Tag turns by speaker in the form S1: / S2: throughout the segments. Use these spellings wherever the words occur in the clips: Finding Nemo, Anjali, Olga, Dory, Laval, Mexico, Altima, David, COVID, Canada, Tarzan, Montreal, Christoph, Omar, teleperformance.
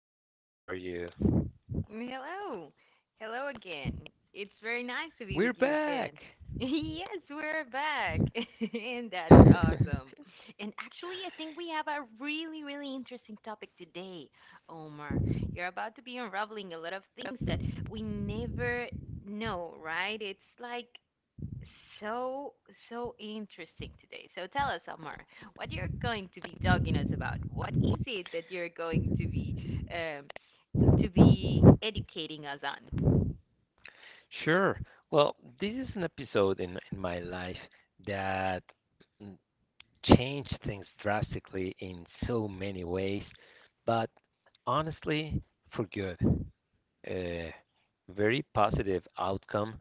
S1: Olga. How are you?
S2: Hello. Hello again. It's very nice to
S1: We're
S2: be with you
S1: back.
S2: again. Yes, we're back. And that's awesome. And actually, I think we have a really, really interesting topic today, Omar. You're about to be unraveling a lot of things that we never know, right? It's like so, so interesting today. So tell us, Omar, what you're going to be talking us about. What is it that you're going to be? um, to be educating us on.
S1: Sure. Well, this is an episode in my life that mm, changed things drastically in so many ways, but honestly, for good. A very positive outcome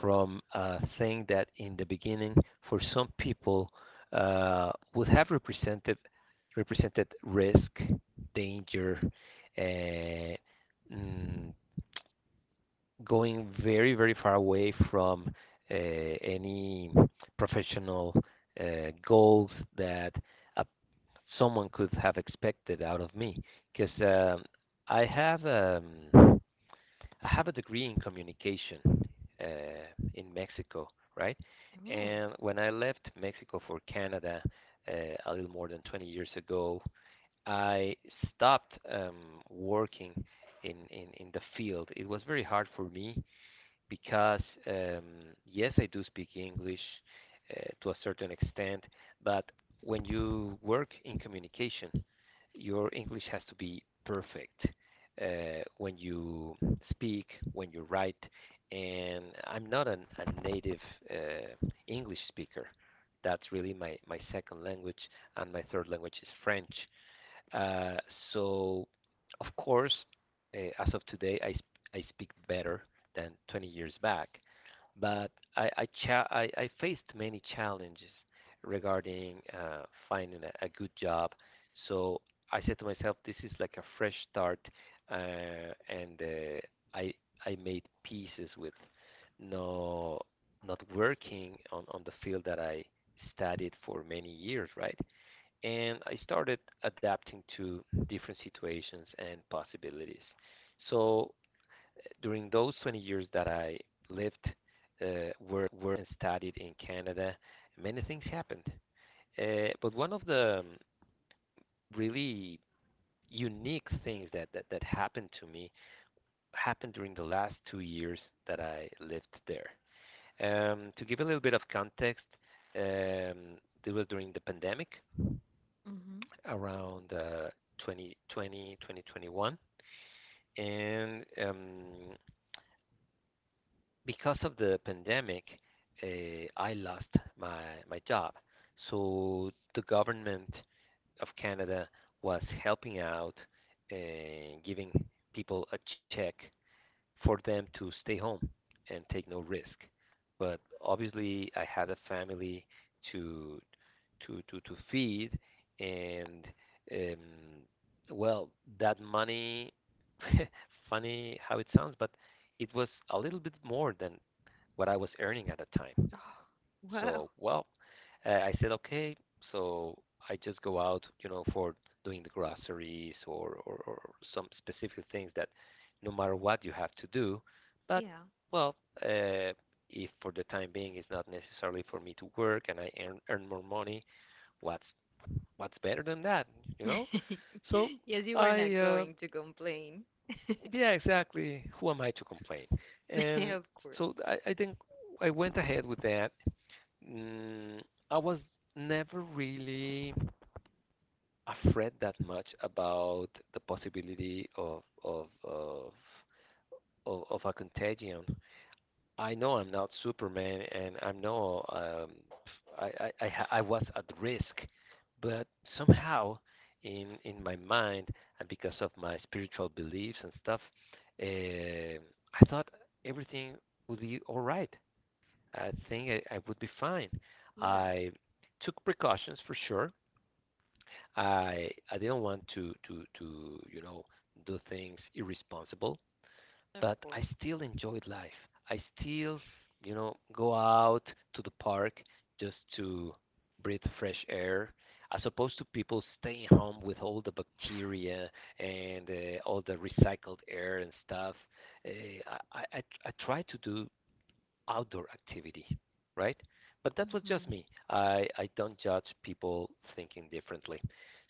S1: from a thing that in the beginning for some people would have represented risk, danger, uh, mm, going very very far away from any professional uh, goals that uh, someone could have expected out of me because I have um, I have a degree in communication uh, in Mexico, right?
S2: Oh.
S1: And when I left Mexico for Canada a little more than 20 years ago, I stopped working in the field. It was very hard for me because um, yes, I do speak English to a certain extent, but when you work in communication, your English has to be perfect when you speak, when you write, and I'm not a native English speaker. That's really my second language, and my third language is French. Uh, so, of course, as of today, I speak better than 20 years back, but I faced many challenges regarding finding a good job. So I said to myself, this is like a fresh start, uh, and uh, I, I made pieces with no, not working on the field that I studied for many years, right? And I started adapting to different situations and possibilities. So during those 20 years that I lived, worked and studied in Canada, many things happened. But one of the really unique things that happened to me happened during the last 2 years that I lived there. To give a little bit of context, um, it was during the pandemic,
S2: Hmm.
S1: around 2020, 2021. And because of the pandemic, I lost my, my job. So the government of Canada was helping out and giving people a check for them to stay home and take no risk. But obviously, I had a family to to feed, and um, well, that money. Funny how it sounds, but it was a little bit more than what I was earning at the time.
S2: Wow.
S1: So, well, I said, okay. So I just go out, you know, for doing the groceries or some specific things that no matter what you have to do. But,
S2: Yeah.
S1: well, uh, if for the time being it's not necessarily for me to work and I earn more money, what's, what's better than that, you know? So
S2: Yes, you were
S1: I,
S2: not
S1: uh,
S2: going to complain.
S1: yeah, exactly. Who am I to complain? And
S2: Of course.
S1: so I, I think I went ahead with that. Mm, I was never really afraid that much about the possibility of a contagion. I know I'm not Superman, and I know I was at risk, but somehow in my mind and because of my spiritual beliefs and stuff, um I thought everything would be all right. I think I would be fine.
S2: Yeah,
S1: I took precautions for sure. I didn't want to you know do things irresponsible,
S2: of
S1: but
S2: course.
S1: I still enjoyed life. I still you know go out to the park just to breathe fresh air as opposed to people staying home with all the bacteria and all the recycled air and stuff. I try to do outdoor activity, right? But that was just
S2: Mhm.
S1: me. I don't judge people thinking differently.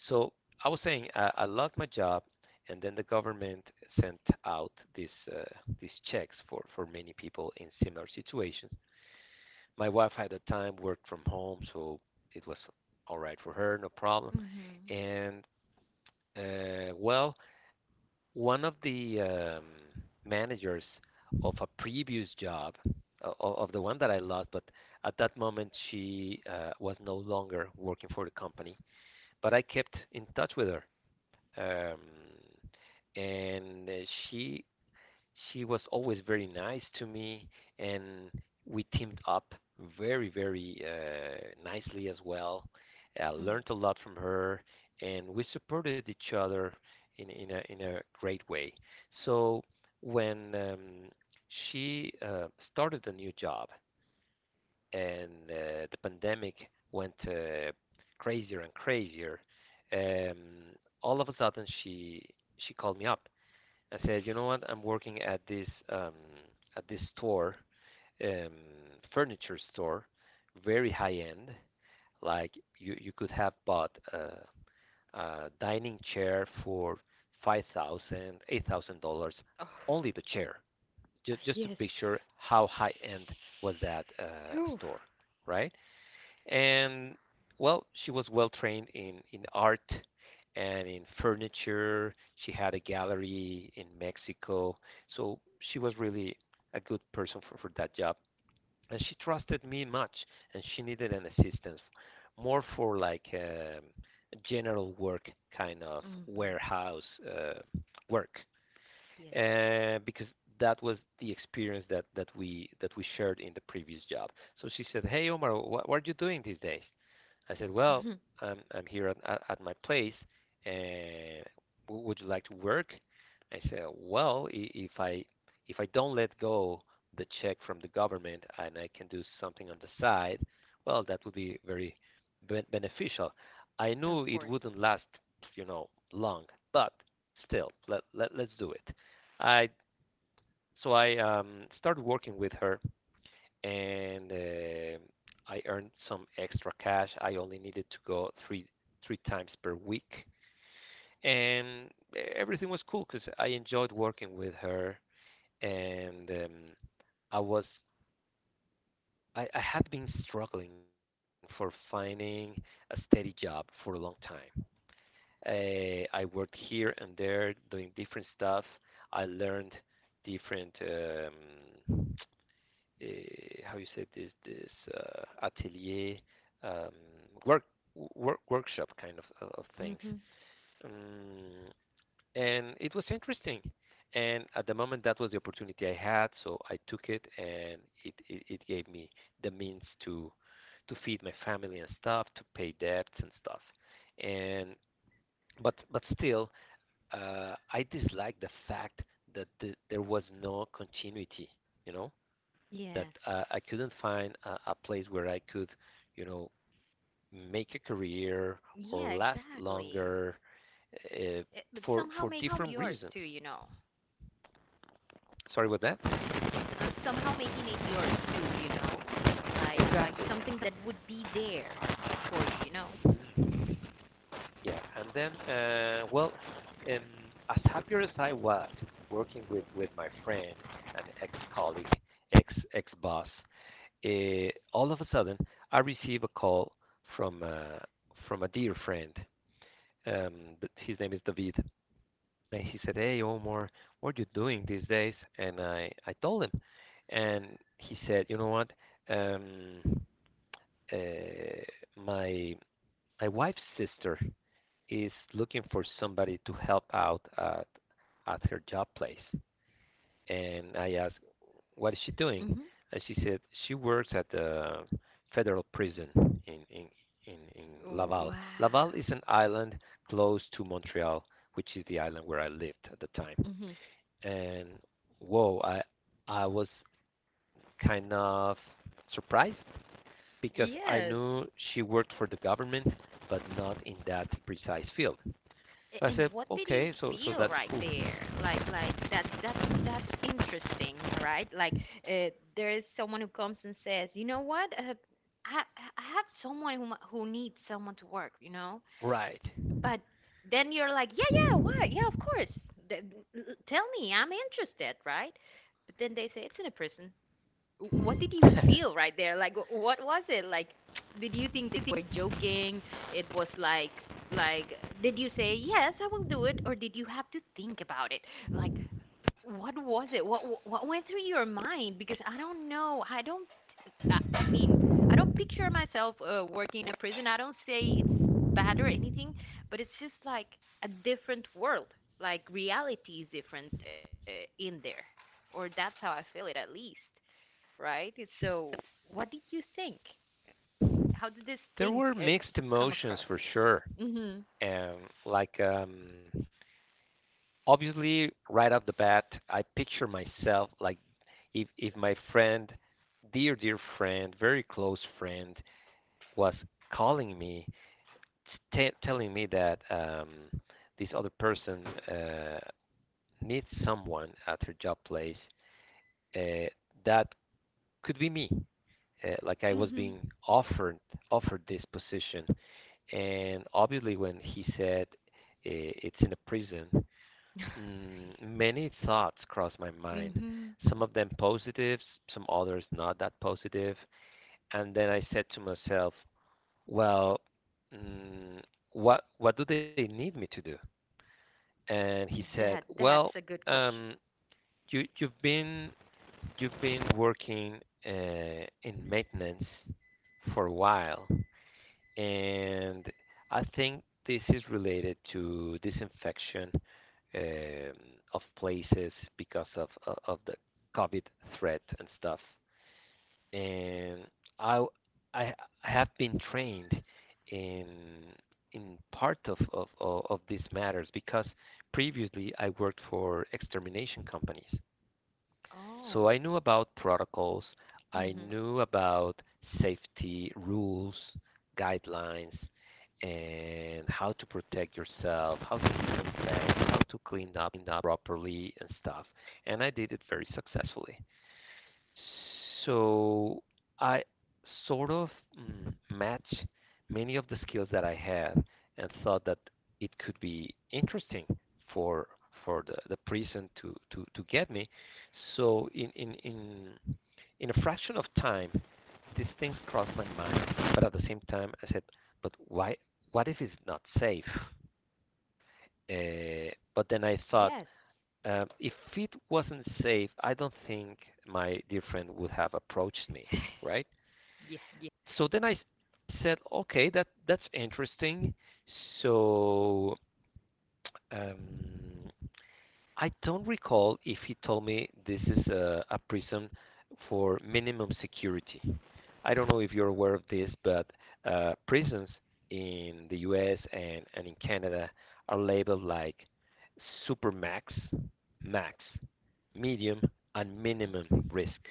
S1: So I was saying I loved my job, and then the government sent out these checks for many people in similar situations. My wife at the time worked from home, so it was all right for her, no problem.
S2: Mhm.
S1: And well, one of the managers of a previous job of the one that I lost, but at that moment she was no longer working for the company. But I kept in touch with her, um, and she was always very nice to me, and we teamed up very, very nicely as well. I
S2: Mm.
S1: learned a lot from her, and we supported each other in a great way. So when she started a new job, and the pandemic went crazier and crazier, um, all of a sudden she called me up. I said, you know what? I'm working at this store, um, furniture store, very high end. Like you could have bought a dining chair for 5,000, $8,000,
S2: Oh,
S1: only the chair. Just to
S2: yes.
S1: picture how high end was that store,
S2: Oof.
S1: right? And well, she was well trained in art and in furniture. She had a gallery in Mexico. So she was really a good person for that job. And she trusted me much, and she needed an assistance more for like general work kind of
S2: Hmm.
S1: warehouse uh, work
S2: Yes.
S1: because that was the experience that we shared in the previous job. So she said, "Hey Omar, what are you doing these days?" I said, well,
S2: Mhm.
S1: I'm here at my place, and would you like to work? I said, well, if I if I don't let go the check from the government and I can do something on the side, well, that would be very beneficial. I
S2: Of
S1: knew it
S2: course.
S1: wouldn't last, you know, long, but still, let's do it. I I started working with her and I earned some extra cash. I only needed to go three times per week, and eh, everything was cool because I enjoyed working with her, and I was I had been struggling for finding a steady job for a long time. I worked here and there doing different stuff. I learned different uh, how you say this atelier um, work, work workshop kind of things,
S2: Mhm.
S1: um, and it was interesting. And at the moment, that was the opportunity I had, so I took it, and it gave me the means to feed my family and stuff, to pay debts and stuff. And but still, I dislike the fact that there was no continuity. You know, that
S2: Yes.
S1: I couldn't find a place where I could, you know, make a career
S2: Yeah,
S1: or last
S2: exactly.
S1: longer uh,
S2: Eh, but somehow
S1: for
S2: make
S1: different
S2: yours
S1: reasons.
S2: too, you know.
S1: Sorry about that.
S2: Somehow making it yours too, you know, like something
S1: Exactly.
S2: that would be there for you, you know it's
S1: Yeah, and then well, um, as happier as I was working with my friend and ex colleague, ex boss, all of a sudden I receive a call from uh, from a dear friend. Um, his name is David. And he said, "Hey, Omar, what are you doing these days?" And I told him, and he said, "You know what? Um, uh, my my wife's sister is looking for somebody to help out at her job place." And I asked, "What is she doing?"
S2: mhm.
S1: And she said, "She works at the federal prison in in in Laval. Laval is
S2: Wow.
S1: an island close to Montreal," which is the island where I lived at the time.
S2: Mhm.
S1: And whoa, I was kind of surprised because I
S2: Yes.
S1: knew she worked for the government, but not in that precise field.
S2: A-
S1: I
S2: and
S1: said,
S2: what did you
S1: okay, so so
S2: feel
S1: that's
S2: right
S1: cool,
S2: there? Like, like that's that's interesting, right? Like uh, there is someone who comes and says, you know what, I I have someone who needs someone to work, you know.
S1: right?
S2: But then you're like, yeah, yeah, why? Yeah, of course. Th- Tell me, I'm interested, right? But then they say it's in a prison. What did you feel right there? Like, what was it? Like, did you think they were joking? It was like, did you say yes, I will do it, or did you have to think about it? Like, what was it? What went through your mind? Because I don't know. I don't I mean, I don't picture myself working in a prison. I don't say it's bad or anything, but it's just like a different world. Like reality is different in there, or that's how I feel it at least, right? So, what did you think? How did this
S1: There
S2: thing
S1: were mixed
S2: come
S1: emotions
S2: across
S1: for
S2: in your
S1: sure,
S2: mind?
S1: and like obviously right off the bat, I picture myself like if my friend, dear friend, very close friend, was calling me telling me that this other person uh, needs someone at her job place uh, that could be me. Like I was
S2: Mhm.
S1: being offered offered this position, and obviously when he said it's in a prison, many thoughts crossed my
S2: Mhm.
S1: mind.
S2: Mhm.
S1: Some of them positive, some others not that positive. And then I said to myself, well, mm, what do they need me to do? And he said,
S2: That
S1: "Well,
S2: that's a good question.
S1: um, you you've been working in maintenance for a while, and I think this is related to disinfection um, of places because of the COVID threat and stuff." And I I I have been trained in in part of these matters because previously I worked for extermination companies,
S2: Oh.
S1: so I knew about protocols, I
S2: Mhm.
S1: knew about safety rules, guidelines, and how to protect yourself, how to disinfect, how to clean up properly and stuff, and I did it very successfully. So I sort of match many of the skills that I have and thought that it could be interesting for for the prison to get me. So in a fraction of time these things crossed my mind. But at the same time I said, but why, what if it's not safe? But then I thought
S2: Yes.
S1: if it wasn't safe, I don't think my dear friend would have approached me, right?
S2: Yeah. Yeah.
S1: So then I said, okay, that's interesting. So um, I don't recall if he told me this is a prison for minimum security. I don't know if you're aware of this, but prisons in the U.S. and in Canada are labeled like supermax, max, medium, and
S2: Okay.
S1: minimum risk.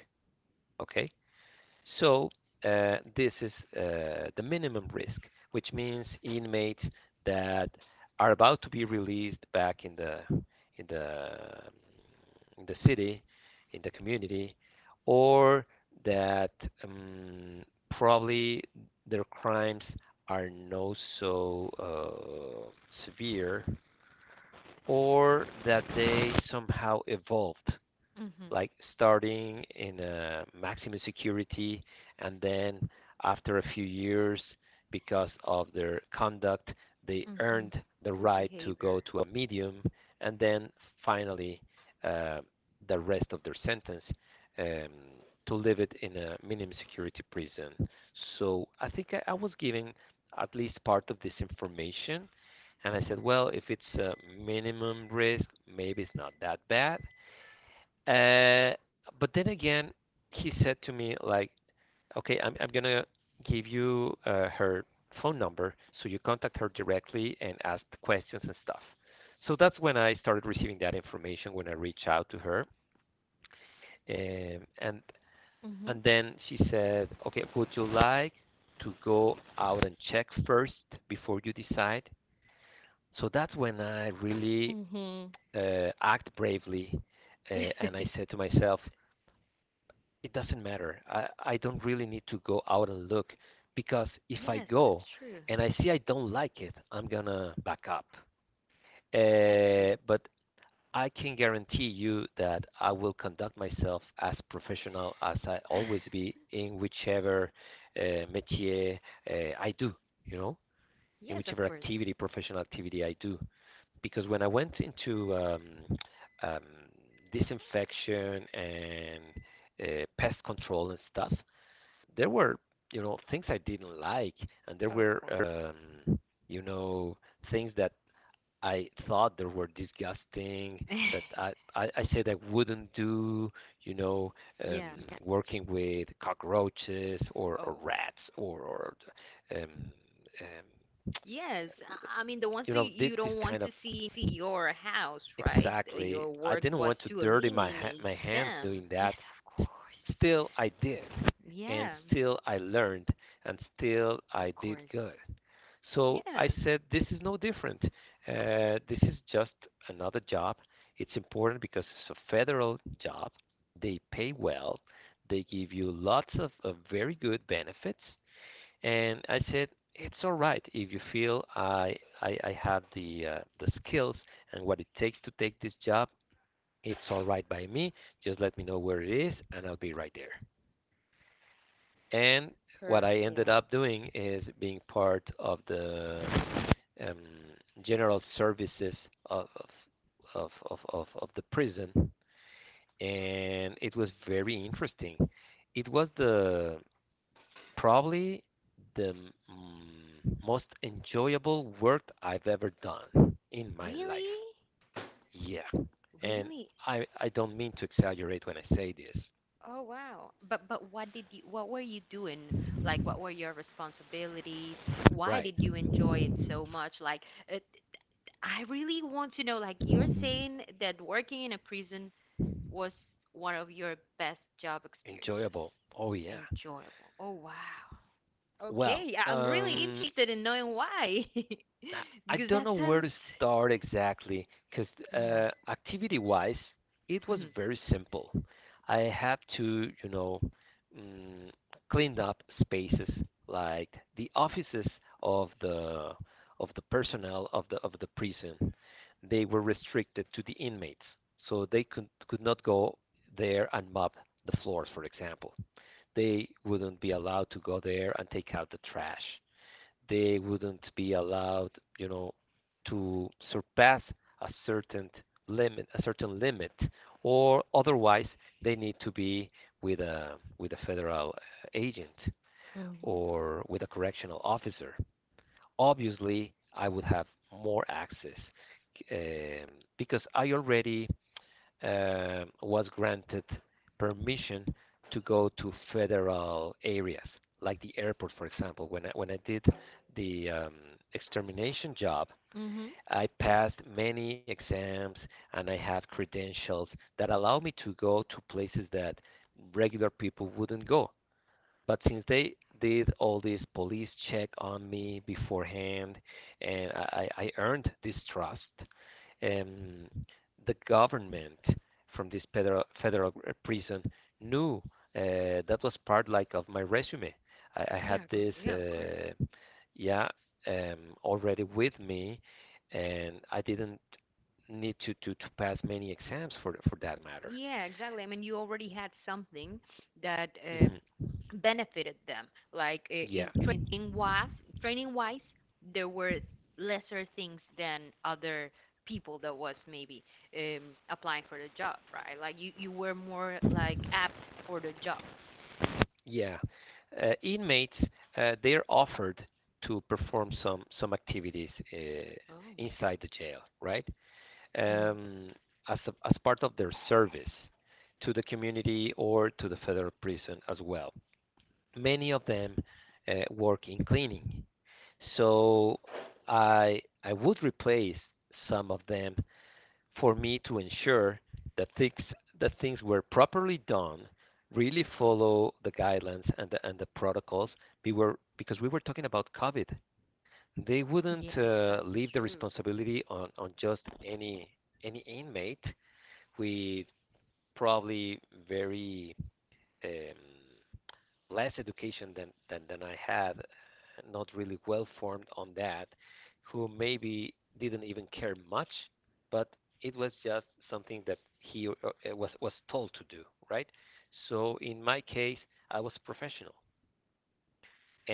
S1: Okay, so this is the minimum risk, which means inmates that are about to be released back in the in the city, in the community, or that um, probably their crimes are not so severe, or that they somehow evolved
S2: Mhm.
S1: like starting in a maximum security, and then after a few years because of their conduct they
S2: Mhm.
S1: earned the
S2: Good
S1: right to go
S2: behavior.
S1: to a medium, and then finally uh, the rest of their sentence um, to live it in a minimum security prison. I was giving at least part of this information, and I said, well, if it's a minimum risk, maybe it's not that bad. uh, but then again, he said to me like, "Okay, I'm gonna give you her phone number so you contact her directly and ask questions and stuff." So that's when I started receiving that information when I reached out to her. And
S2: Mhm.
S1: and then she said, "Okay, would you like to go out and check first before you decide?" So that's when I really
S2: Mhm.
S1: act bravely, uh, and I said to myself, it doesn't matter. I don't really need to go out and look because if I
S2: Yes, that's
S1: go
S2: true.
S1: and I see I don't like it, I'm gonna back up.
S2: That's true.
S1: But I can guarantee you that I will conduct myself as professional as I always be in whichever uh, métier uh, I do, you know, in
S2: Yes, of
S1: whichever
S2: course.
S1: activity, professional activity I do. Because when I went into um, disinfection and pest control and stuff, there were, you know, things I didn't like, and there
S2: Of
S1: were,
S2: course.
S1: you know, things that I thought there were disgusting that I, I, I said I wouldn't do, you know, um,
S2: Yeah, yeah.
S1: working with cockroaches, or
S2: Oh.
S1: rats, or um, um,
S2: Yes. I mean, the ones
S1: you
S2: that
S1: know,
S2: you
S1: this
S2: don't want
S1: kind
S2: to
S1: of
S2: see your house, right?
S1: exactly.
S2: Your
S1: I
S2: work
S1: didn't
S2: was
S1: want to
S2: to
S1: dirty my
S2: eliminate
S1: my hands
S2: them.
S1: doing
S2: Yes,
S1: that.
S2: of
S1: S-
S2: course.
S1: Still, I did, and
S2: Yeah.
S1: still I learned, and still I
S2: Of
S1: did
S2: course.
S1: good. So I
S2: Yeah.
S1: said, this is no different. This is just another job. It's important because it's a federal job. They pay well. They give you lots of very good benefits. And I said, it's all right if you feel I have the skills and what it takes to take this job. It's all right by me. Just let me know where it is, and I'll be right there. And what
S2: Perfect.
S1: I ended
S2: Yeah.
S1: up doing is being part of the um, general services of of the prison, and it was very interesting. It was the probably the most enjoyable work I've ever done in my
S2: Really?
S1: life. Yeah. And
S2: Really?
S1: I don't mean to exaggerate when I say this.
S2: Oh wow. But what did you what were you doing? Like what were your responsibilities? Why
S1: Right.
S2: did you enjoy it so much? Like it, I really want to know, like you're saying that working in a prison was one of your best job experiences.
S1: Enjoyable. Oh yeah.
S2: Enjoyable. Oh wow.
S1: Well,
S2: Okay, I'm really
S1: um
S2: interested in knowing why.
S1: I I
S2: Because
S1: don't
S2: that
S1: know where
S2: sounds
S1: to start exactly because
S2: yeah.
S1: activity wise, it was
S2: Mhm.
S1: very simple. I had to, you know, mm, clean up spaces like the offices of the of the personnel of the prison. They were restricted to the inmates, so they could not go there and mop the floors, for example. They wouldn't be allowed to go there and take out the trash, they wouldn't be allowed, you know, to surpass a certain a certain limit, or otherwise they need to be with a federal agent
S2: Mhm.
S1: or with a correctional officer. Obviously, I would have more access, um, because I already was granted permission to go to federal areas, like the airport, for example. When when I did the extermination job,
S2: Mhm.
S1: I passed many exams and I have credentials that allow me to go to places that regular people wouldn't go. But since they did all this police check on me beforehand, and I earned this trust, um, the government from this federal prison knew that was part like of my resume. I had
S2: Yeah, go,
S1: this,
S2: yeah, of course.
S1: yeah, already with me, and I didn't need to pass many exams for that matter.
S2: Yeah, exactly. I mean, you already had something that
S1: Hmm.
S2: benefited them. Like in
S1: Yeah.
S2: training wise, there were lesser things than other people that was maybe applying for the job, right? Like you were more like apt for the job.
S1: Yeah. Inmates, they're offered to perform some activities
S2: Oh.
S1: inside the jail, right?
S2: Hmm.
S1: Um, as, as part of their service to the community or to the federal prison as well. Many of them work in cleaning. So I would replace some of them for me to ensure that things that things were properly done, really follow the guidelines and the protocols. We were because we were talking about COVID. They wouldn't
S2: Yes, that's
S1: leave the
S2: true.
S1: responsibility on just any inmate with probably very um, less education than I had, not really well formed on that, who maybe didn't even care much, but it was just something that he was told to do, right? So in my case, I was a professional,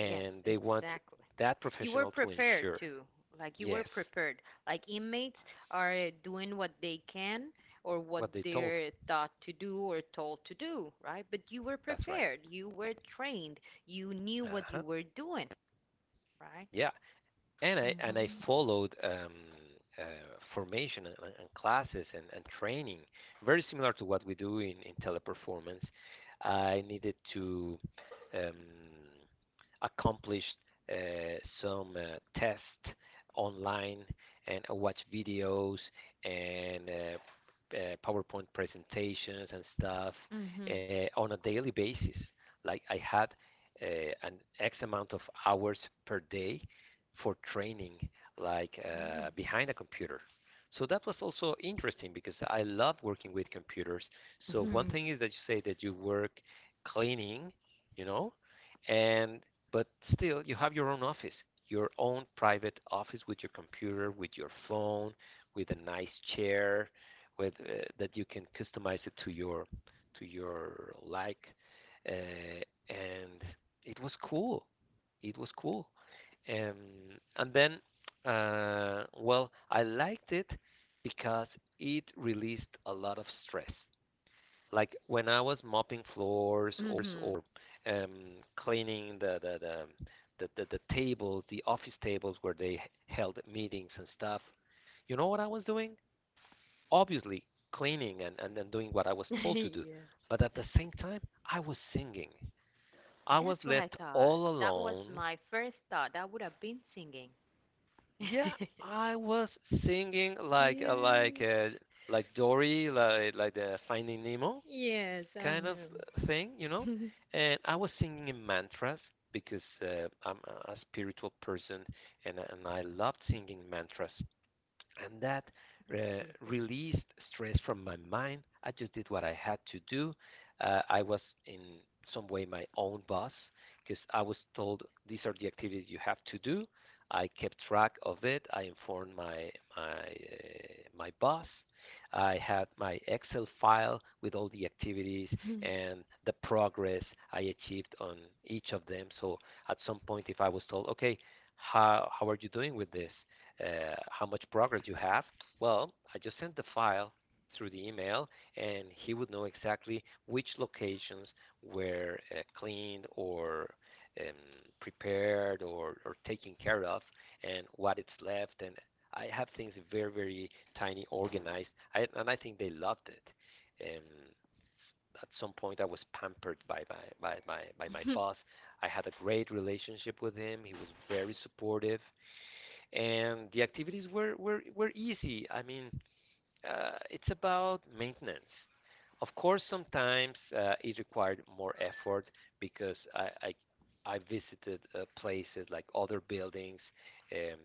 S2: Yes,
S1: they want
S2: exactly.
S1: that
S2: You were
S1: professional to
S2: prepared
S1: ensure
S2: too. Like you were
S1: yes
S2: prepared. Like inmates are doing what they can or what
S1: what they told.
S2: they're taught to do or told to do, right? But you were
S1: That's right.
S2: prepared. You were trained. You knew
S1: Uh
S2: what
S1: huh.
S2: you were doing, right?
S1: Yeah. And I and I
S2: Mhm.
S1: followed, uh, formation and classes and training very similar to what we do in teleperformance. I needed to um, accomplish some tests online, and I watch videos and PowerPoint presentations and stuff
S2: Mhm.
S1: on a daily basis. Like I had an X amount of hours per day for training, like
S2: Oh.
S1: behind a computer. So that was also interesting because I love working with computers. So one
S2: Mhm.
S1: thing
S2: Yes.
S1: is that you say that you work cleaning, you know, and but still you have your own office, your own private office with your computer, with your phone, with a nice chair, with that you can customize it to your like, uh, and it was cool. It was cool. And then, well, I liked it because it released a lot of stress. Like when I was mopping floors,
S2: Mhm.
S1: or cleaning the tables, the office tables where they held meetings and stuff. You know what I was doing? Obviously, cleaning, and doing what I was told to do.
S2: Yes.
S1: But at the same time, I was singing. I was
S2: That's what I
S1: left
S2: thought.
S1: all
S2: That was
S1: alone.
S2: my first thought. I would have been singing.
S1: Yeah, I was singing like
S2: Yes.
S1: like Dory, like the Finding Nemo
S2: Yes, I
S1: kind of
S2: know.
S1: thing, you know.
S2: That's
S1: And I was singing in mantras because I'm a spiritual person, and I loved singing mantras, and that uh,
S2: beautiful.
S1: released stress from my mind. I just did what I had to do. I was in some way my own boss because I was told these are the activities you have to do. I kept track of it. I informed my my uh, my boss. I had my Excel file with all the activities and the progress I achieved on each of them. So at some point, if I was told, okay, how are you doing with this? How much progress you have? Well, I just sent the file through the email, and he would know exactly which locations were cleaned or um, prepared, or taken care of, and what it's left. And I have things very, very tiny, organized, and I think they loved it. Um, at some point, I was pampered by my boss. I had a great relationship with him. He was very supportive, and the activities were easy. I mean, it's about maintenance. Of course, sometimes it required more effort because I visited places like other buildings um,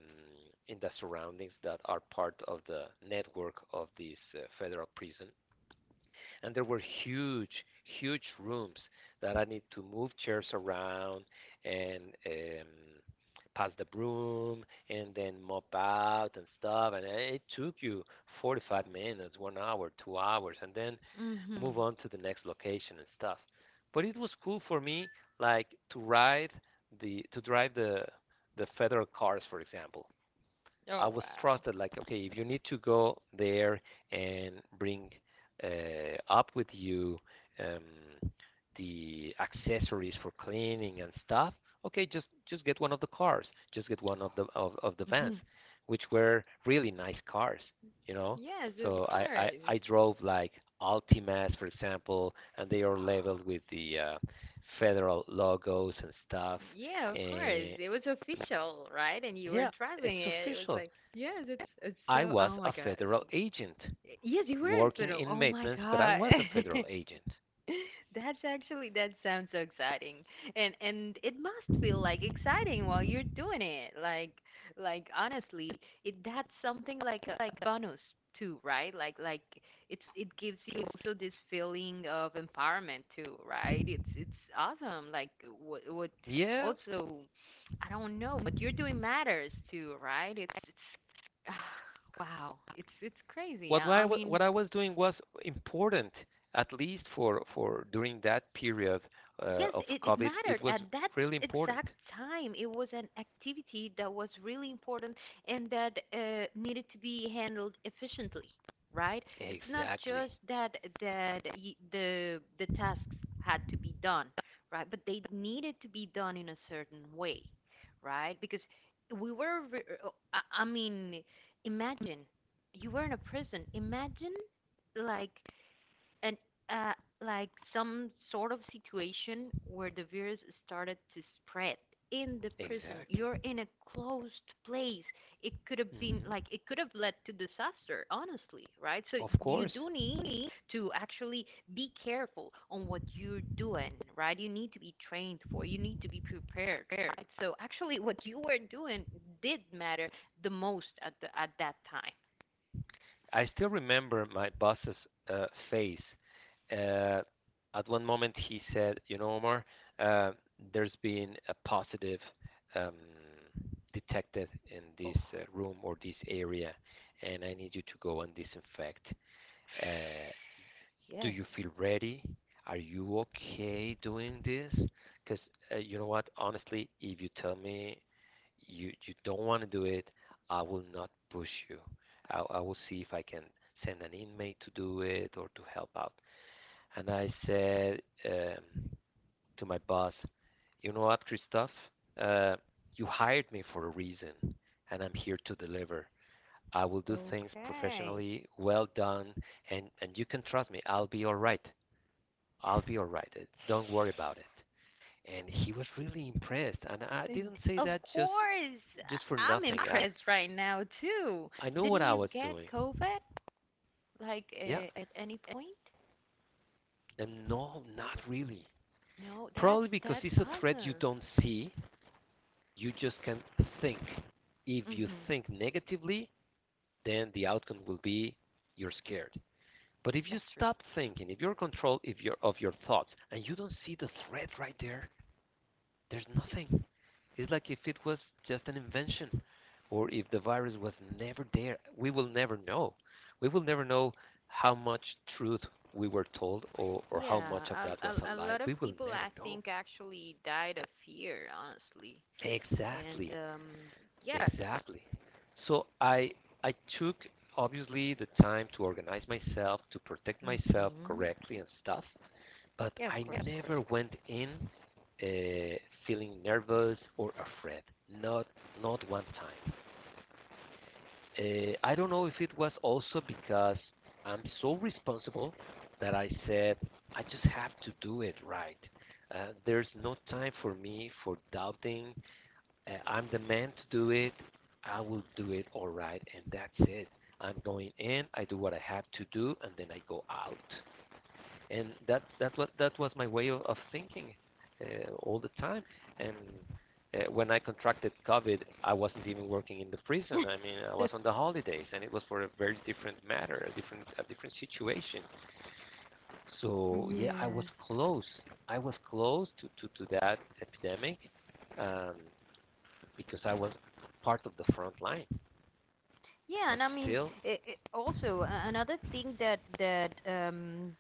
S1: in the surroundings that are part of the network of this federal prison, and there were huge, huge rooms that I need to move chairs around and pass the broom and then mop out and stuff. And it took you 45 minutes, 1 hour, 2 hours, and then move
S2: Mhm.
S1: on to the next location and stuff. But it was cool for me, like to ride the to drive the federal cars, for example. I
S2: Oh,
S1: was
S2: wow.
S1: trusted. Like, okay, if you need to go there and bring up with you um, the accessories for cleaning and stuff, okay, just get one of the cars, just get one of the vans,
S2: Mhm.
S1: which were really nice cars, you know.
S2: Yes, of
S1: So
S2: course.
S1: I drove like Altimas, for example, and they are
S2: Oh,
S1: labeled with the federal logos and stuff.
S2: yeah, of course.
S1: And
S2: It was official, right? And you were
S1: yeah, it's
S2: driving it. It was
S1: official.
S2: like, yes, it's
S1: I
S2: so.
S1: was
S2: Oh my
S1: a
S2: God.
S1: federal agent
S2: Yes, you were at
S1: working
S2: Fiddle.
S1: in
S2: Oh my
S1: maintenance, but I
S2: God.
S1: was a federal agent.
S2: That's actually that sounds so exciting. And it must feel like exciting while you're doing it. Like honestly, it that's something like a like bonus too, right? Like it's it gives you also this feeling of empowerment too, right? It's awesome. Like what
S1: Yeah,
S2: also I don't know, what you're doing matters too, right? It's wow. It's crazy.
S1: what
S2: I
S1: I,
S2: mean
S1: what I was doing was important, at least for during that period
S2: Yes,
S1: of
S2: it
S1: COVID. It
S2: mattered
S1: was
S2: at that
S1: really important.
S2: exact time. It was an activity that was really important and that needed to be handled efficiently, right? It's not
S1: Exactly.
S2: just that that the tasks had to be done, right? But they needed to be done in a certain way, right? Because we were, I mean, imagine you were in a prison. Imagine like and uh, like some sort of situation where the virus started to spread in the prison.
S1: Exactly.
S2: You're in a closed place. It could have been
S1: Hmm.
S2: like it could have led to disaster, honestly, right? So
S1: Of
S2: you
S1: course.
S2: do need to actually be careful on what you're doing, right? You need to be trained for. You need to be prepared. Right? So actually, what you were doing did matter the most at the at that time.
S1: I still remember my boss's face. Uh, at one moment, he said, "You know, Omar, uh, there's been a positive um, detected in
S2: Oh,
S1: this room or this area, and I need you to go and disinfect uh, do
S2: yes.
S1: you feel ready? Are you okay doing this? Because you know what? Honestly, if you tell me you don't want to do it, I will not push you. I will see if I can send an inmate to do it or to help out. And I said to my boss, you know what, Christoph? Uh, you hired me for a reason, and I'm here to deliver. I will do things
S2: Okay.
S1: professionally, well done, and you can trust me. I'll be all right. I'll be all right. Don't worry about it." And he was really impressed. And I
S2: D-
S1: didn't say
S2: Of
S1: that just
S2: course,
S1: just for
S2: I'm
S1: nothing. I
S2: impressed right now too.
S1: I know what
S2: Didn't
S1: I
S2: you
S1: was
S2: get
S1: doing.
S2: COVID like
S1: Yeah.
S2: at any point?
S1: And no, not really.
S2: No,
S1: Probably because
S2: that's
S1: it's a threat you
S2: awesome.
S1: don't see. You just can think. If you
S2: Mhm.
S1: think negatively, then the outcome will be you're scared. But if you
S2: That's true.
S1: stop thinking, if you're in control if you're of your thoughts and you don't see the threat right there, there's nothing. It's like if it was just an invention or if the virus was never there. We will never know. We will never know how much truth we were told or how
S2: Yeah,
S1: much of that was a
S2: a
S1: lie.
S2: lot of
S1: We will
S2: people
S1: never
S2: I
S1: know.
S2: think actually died of fear, honestly. And
S1: Exactly.
S2: yes.
S1: Exactly. So I took obviously the time to organize myself, to protect myself
S2: Mhm.
S1: correctly and stuff, but
S2: Yeah, of
S1: I
S2: course, of course.
S1: never went in uh, feeling nervous or afraid. Not not one time. I don't know if it was also because I'm so responsible that I said I just have to do it right. There's no time for me for doubting I'm the man to do it. I will do it all right, and that's it. I'm going in. I do what I have to do, and then I go out. And that was my way of thinking all the time. And when I contracted COVID, I wasn't even working in the prison. I mean, I was on the holidays, and it was for a very different matter, a different situation. So yeah, I was
S2: Yeah.
S1: close. I was close to that epidemic. Um, because I was part of the front line.
S2: Yeah,
S1: But
S2: and I mean,
S1: still,
S2: it also another thing that that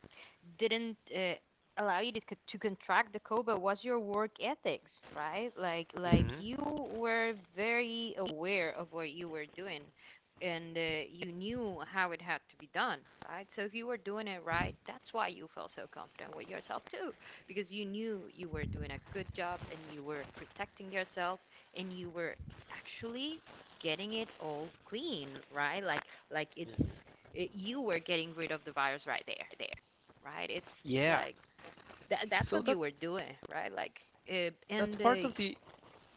S2: didn't allow you to to contract the cobra was your work ethics, right? Like
S1: mhm,
S2: you were very aware of what you were doing, and you knew how it had to be done, right? So if you were doing it
S1: mhm,
S2: right, that's why you felt so confident with yourself too, because you knew you were doing a good job and you were protecting yourself and you were actually getting it all clean, right? Like it's
S1: mhm.
S2: it, you were getting rid of the virus right there, right there, right? It's
S1: Yeah.
S2: like that that's
S1: So
S2: what
S1: that
S2: you were doing, right? Like
S1: that's
S2: and
S1: part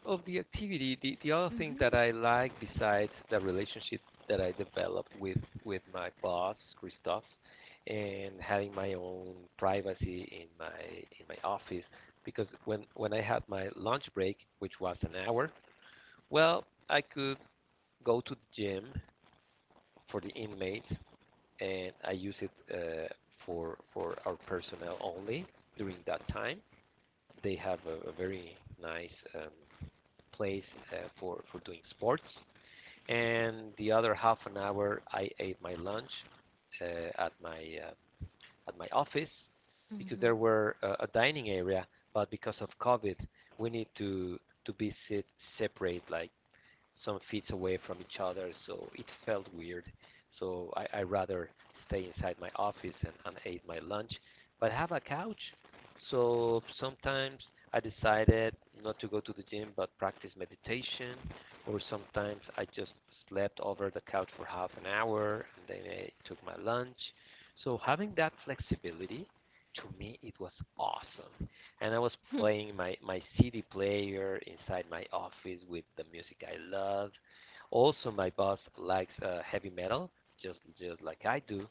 S1: of the activity. The other thing that
S2: mhm
S1: I like besides the relationship that I developed with my boss Christoph and having my own privacy in my office because when I had my lunch break, which was an hour, well, I could go to the gym for the inmates and I use it for our personnel only during that time. They have a very nice place for doing sports. And the other half an hour, I ate my lunch uh, at my uh, at my office because there
S2: mhm.
S1: were a dining area, but because of COVID, we need to be sit separate like some feet away from each other, so it felt weird. So I rather stay inside my office and ate my lunch, but have a couch. So sometimes I decided not to go to the gym, but practice meditation, or sometimes I just slept over the couch for half an hour and then I took my lunch. So having that flexibility, to me, it was awesome and I was playing my CD player inside my office with the music I love. Also, my boss likes heavy metal, just like I do.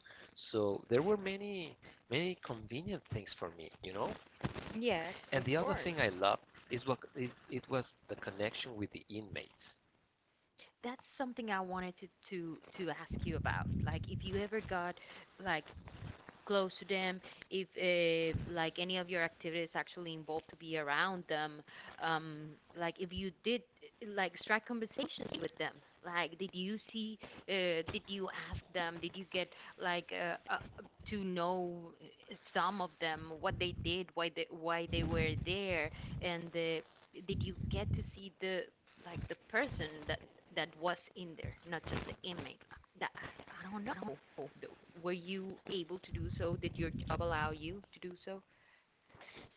S1: So there were many convenient things for me.
S2: Yes, of
S1: And the other
S2: course.
S1: thing I loved it was the connection with the inmates.
S2: That's something I wanted to to ask you about. Like if you ever got like close to them, if like any of your activities actually involve to be around them, um, like if you did like strike conversations with them, like did you see, did you ask them, did you get like to know some of them, what they did, why they were there, and did you get to see the like the person that that was in there, not just the inmate. That asked, I don't know. Were you able to do so? Did your job allow you to do so?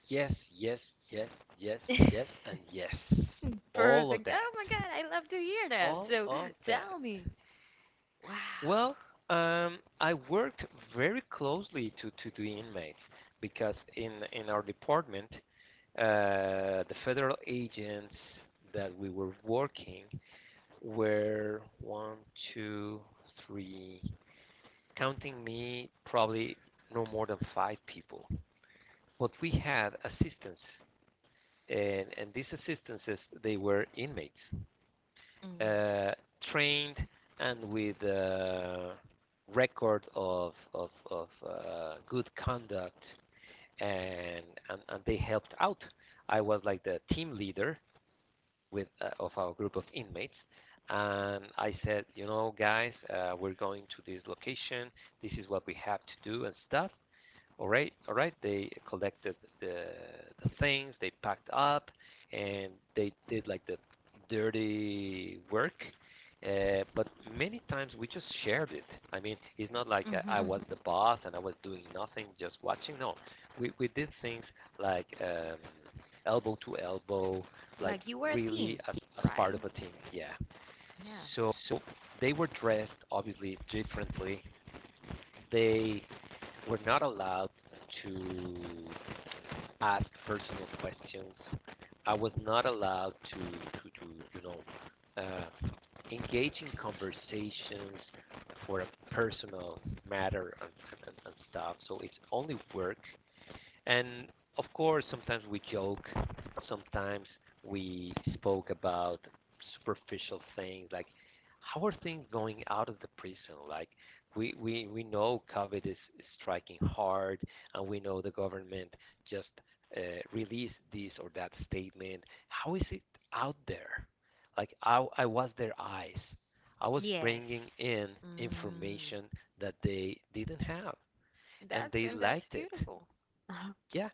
S1: Yes, yes, yes, yes, yes, and yes. All of
S2: Perfect.
S1: that.
S2: Oh my God, I love to hear that.
S1: All
S2: So
S1: of that.
S2: tell me. Wow.
S1: Well, I worked very closely to the inmates because in our department, the federal agents that we were working were one, two, three, counting me, probably no more than five people. But we had assistants, and these assistances they were inmates
S2: Mhm.
S1: uh, trained and with a record of good conduct, and, and they helped out. I was like the team leader with of our group of inmates, and I said, you know, guys, we're going to this location. This is what we have to do and stuff. All right, all right. They collected the things. They packed up, and they did like the dirty work. But many times we just shared it. I mean, it's not like
S2: Mhm.
S1: I was
S2: Mhm.
S1: the boss and I was doing nothing, just watching. No, we did things like elbow to elbow, like
S2: Like you were a
S1: really
S2: team,
S1: as part
S2: right?
S1: of a team. Yeah.
S2: Yeah.
S1: So they were dressed obviously differently. They we're not allowed to ask personal questions. I was not allowed to you know, uh, engage in conversations for a personal matter and stuff. So it's only work and of course, sometimes we joke, sometimes we spoke about superficial things like how are things going out of the prison? Like we know COVID is striking hard, and we know the government just uh, released this or that statement. How is it out there? Like I was their eyes. I was
S2: Yes.
S1: bringing in
S2: Mm.
S1: information that they didn't have, and
S2: That's
S1: they
S2: and that's
S1: liked it.
S2: beautiful. Uh-huh.
S1: Yeah,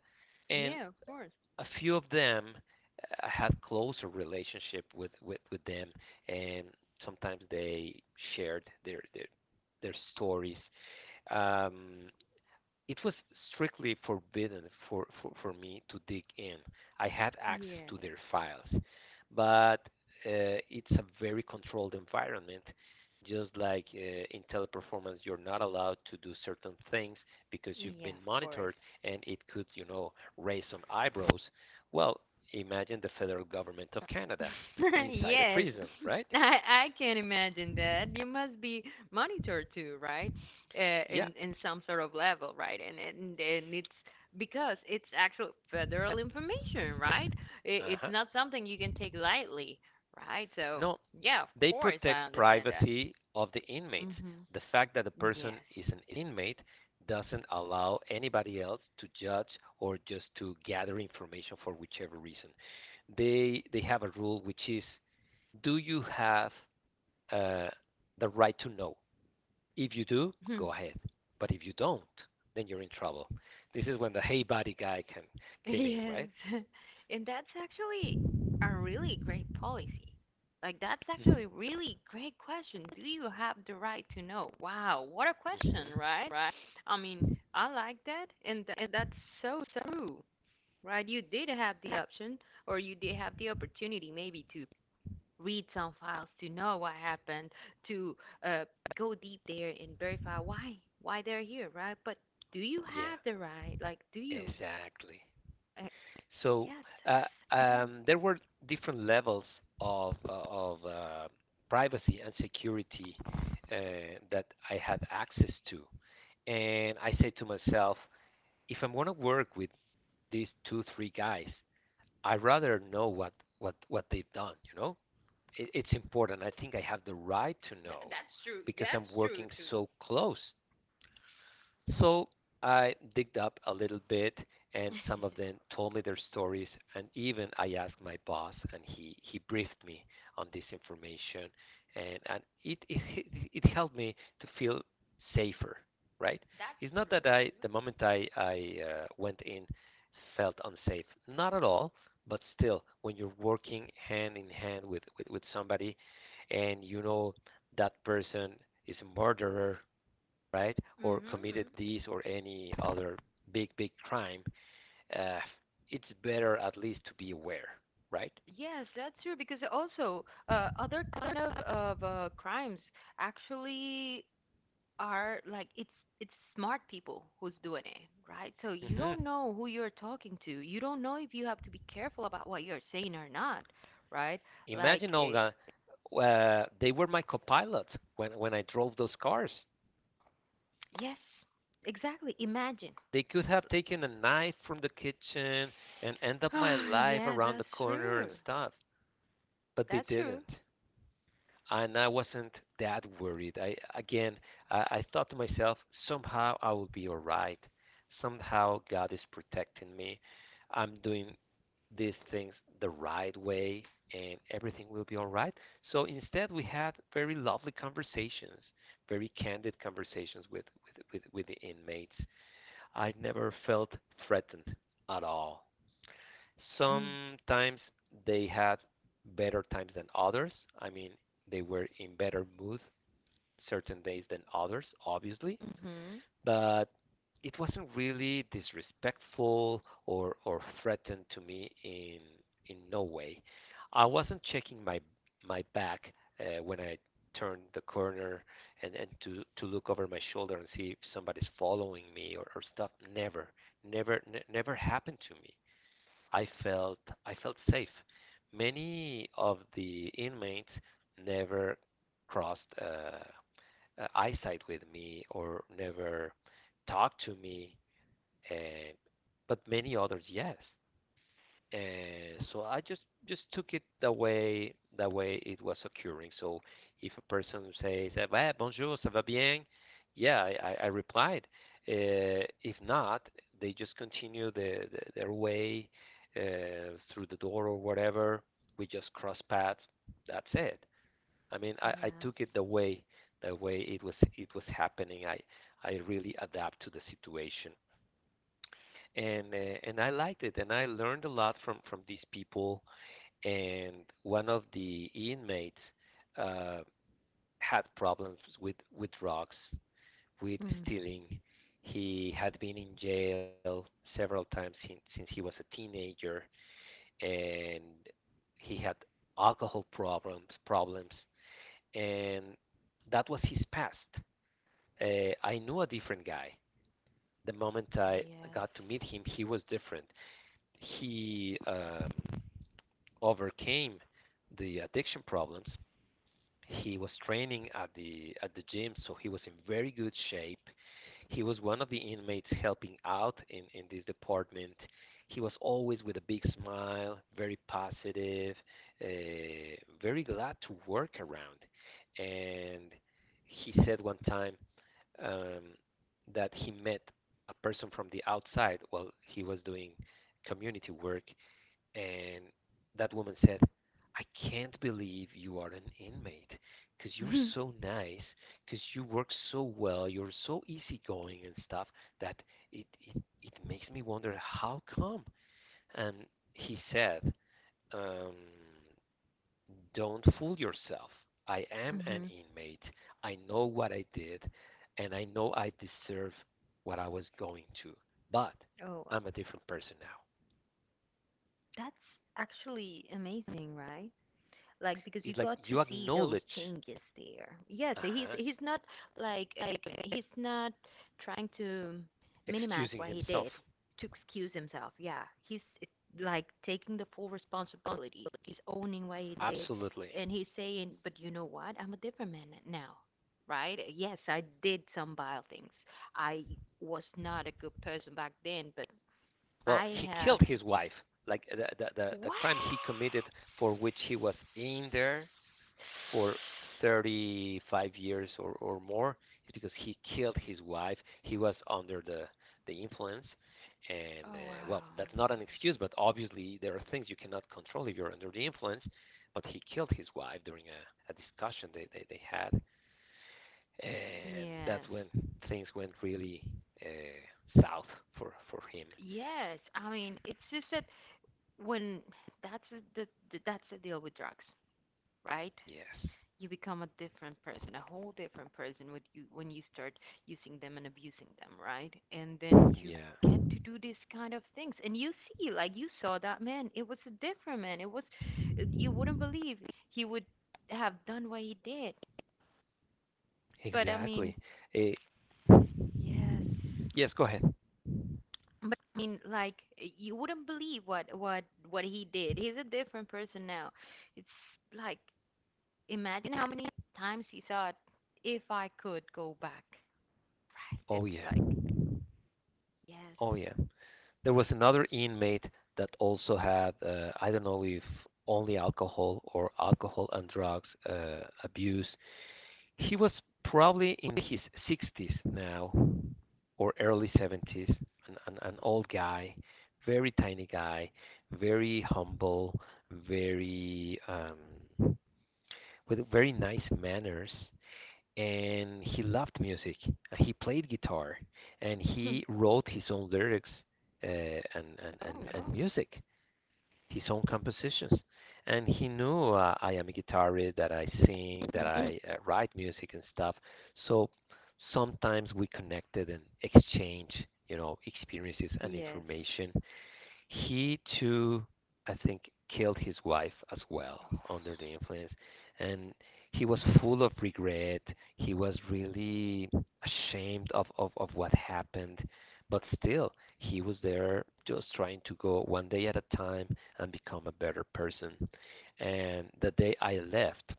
S1: and
S2: Yeah, of course.
S1: a few of them I had closer relationship with them, and sometimes they shared their stories. Um, it was strictly forbidden for me to dig in. I had access
S2: Yes.
S1: to their files, but it's a very controlled environment. Just like in teleperformance, you're not allowed to do certain things because you've
S2: Yeah,
S1: been
S2: of course.
S1: monitored, and it could, raise some eyebrows. Well, imagine the federal government of Canada inside a
S2: Yes.
S1: prison, right?
S2: I I can imagine that. You must be monitored too, right?
S1: Yeah.
S2: In some sort of level, right? And it's because it's actual federal information, right? It,
S1: Uh
S2: it's
S1: huh.
S2: not something you can take lightly, right? So
S1: No.
S2: yeah, of
S1: They
S2: course I
S1: protect
S2: understand that.
S1: privacy of the inmates.
S2: Mhm.
S1: The fact that a person
S2: Yes.
S1: is an inmate doesn't allow anybody else to judge or just to gather information for whichever reason. They have a rule which is: do you have uh, the right to know? If you do, go ahead. But if you don't, then you're in trouble. This is when the hey buddy guy can came in,
S2: Yes.
S1: right?
S2: And that's actually a really great policy. Like, that's
S1: Hmm.
S2: actually a really great question. Do you have the right to know? Wow, what a question,
S1: Hmm.
S2: right? Right. I mean, I like that, and, and that's so true, right? You did have the option, or you did have the opportunity maybe to read some files to know what happened, to uh, go deep there and verify why they're here, right? But do you
S1: Yeah,
S2: have the right? Like, do you?
S1: exactly.
S2: Uh,
S1: So
S2: yes,
S1: uh, there were different levels of privacy and security that I had access to, and I say to myself, if I'm going to work with these two three guys, I'd rather know what they've done. You know, it's important. I think I have the right to know
S2: That's true.
S1: because I'm
S2: That's true
S1: working
S2: too.
S1: so close so I digged up a little bit, and some of them told me their stories. And even I asked my boss, and he briefed me on this information, and it it helped me to feel safer. Right?
S2: That's
S1: It's not
S2: true
S1: that I
S2: too.
S1: the moment I went in felt unsafe. Not at all. But still, when you're working hand in hand with somebody, and you know that person is a murderer right, or
S2: Mm-hmm.
S1: committed this or any other big, big crime, uh, it's better at least to be aware, right?
S2: Yes, that's true because also other kind of crimes actually are like it's smart people who's doing it, right? So you
S1: Hmm.
S2: don't know who you're talking to. You don't know if you have to be careful about what you're saying or not, right? Like
S1: Imagine, Olga, they were my co copilots when I drove those cars.
S2: yes, exactly. Imagine.
S1: They could have taken a knife from the kitchen and end up my life
S2: Yes,
S1: around the
S2: that's
S1: corner and
S2: true.
S1: stuff, but they
S2: That's true.
S1: didn't. And I wasn't that worried. I Again, I thought to myself, somehow I will be all right. Somehow God is protecting me. I'm doing these things the right way, and everything will be all right. So instead, we had very lovely conversations, very candid conversations with the inmates. I never felt threatened at all. Sometimes they had better times than others. I mean, they were in better mood certain days than others, obviously.
S2: Mhm.
S1: But it wasn't really disrespectful or threatened to me in no way. I wasn't checking my back when I turned the corner and to look over my shoulder and see if somebody's following me or stuff. Never, never, never happened to me. I felt I felt safe. Many of the inmates never crossed eyesight with me or never talked to me, and, but many others yes. So I just took it the way it was occurring. So if a person says "Ah, bonjour, ça va bien," yeah, I replied. If not, they just continue their way through the door or whatever. We just cross paths. That's it. I mean, I
S2: Yes.
S1: took it the way it was happening. I really adapt to the situation, and and I liked it, and I learned a lot from these people. And one of the inmates uh, had problems with drugs, with stealing. He had been in jail several times since he was a teenager, and he had alcohol problems, and that was his past. I knew a different guy. The moment I
S2: Yes.
S1: got to meet him, he was different. He overcame the addiction problems. He was training at the gym, so he was in very good shape. He was one of the inmates helping out in this department. He was always with a big smile, very positive, uh, very glad to work around. And he said one time, um, that he met a person from the outside while he was doing community work, and that woman said, "I can't believe you are an inmate, because you're so nice, because you work so well, you're so easygoing and stuff, that it makes me wonder how come." And he said, um, "Don't fool yourself. I am an
S2: Mhm.
S1: inmate. I know what I did, and I know I deserve what I was going to. But
S2: Oh
S1: I'm
S2: wow.
S1: a different person now."
S2: That's actually amazing, right? Like because you
S1: It's like
S2: got to
S1: you
S2: see those
S1: acknowledge,
S2: changes there. Yes,
S1: uh huh,
S2: he's not like like he's not trying to minimize
S1: excusing
S2: what he
S1: himself.
S2: did to excuse himself. Yeah, he's like taking the full responsibility. He's owning what he did,
S1: Absolutely.
S2: and he's saying, "But you know what? I'm a different man now." Right? Yes, I did some vile things. I was not a good person back then, but
S1: Well,
S2: I
S1: he
S2: have
S1: killed his wife. Like the
S2: what?
S1: crime he committed, for which he was in there for 35 years or more, is because he killed his wife. He was under the influence. And
S2: Oh wow.
S1: well, that's not an excuse, but obviously there are things you cannot control if you're under the influence. But he killed his wife during a discussion they had, and that's
S2: Yes.
S1: when things went really south for him.
S2: Yes. I mean, it's just that when that's the, that's the deal with drugs, right?
S1: Yes.
S2: You become a different person, a whole different person with you when you start using them and abusing them, right? And then you
S1: Yeah.
S2: get to do these kind of things. And you see, like you saw that man, it was a different man. It was you wouldn't believe he would have done what he did. But I
S1: Exactly.
S2: mean,
S1: Uh,
S2: yes.
S1: yes. Go ahead.
S2: But I mean, like you wouldn't believe what what he did. He's a different person now. It's like imagine how many times he thought, "If I could go back." Right?
S1: Oh
S2: It's
S1: yeah.
S2: like yes.
S1: Oh yeah. There was another inmate that also had I don't know if only alcohol or alcohol and drugs abuse. He was probably in his 60s now, or early 70s, an old guy, very tiny guy, very humble, very with very nice manners. And he loved music. He played guitar, and he wrote his own lyrics uh, and, and and
S2: Oh
S1: and
S2: no.
S1: music, his own compositions. And he knew, I am a guitarist, that I sing, that I write music and stuff. So sometimes we connected and exchanged, you know, experiences and
S2: Yes.
S1: information. He too, I think, killed his wife as well under the influence, and he was full of regret. He was really ashamed of what happened, but still, he was there just trying to go one day at a time and become a better person. And the day I left,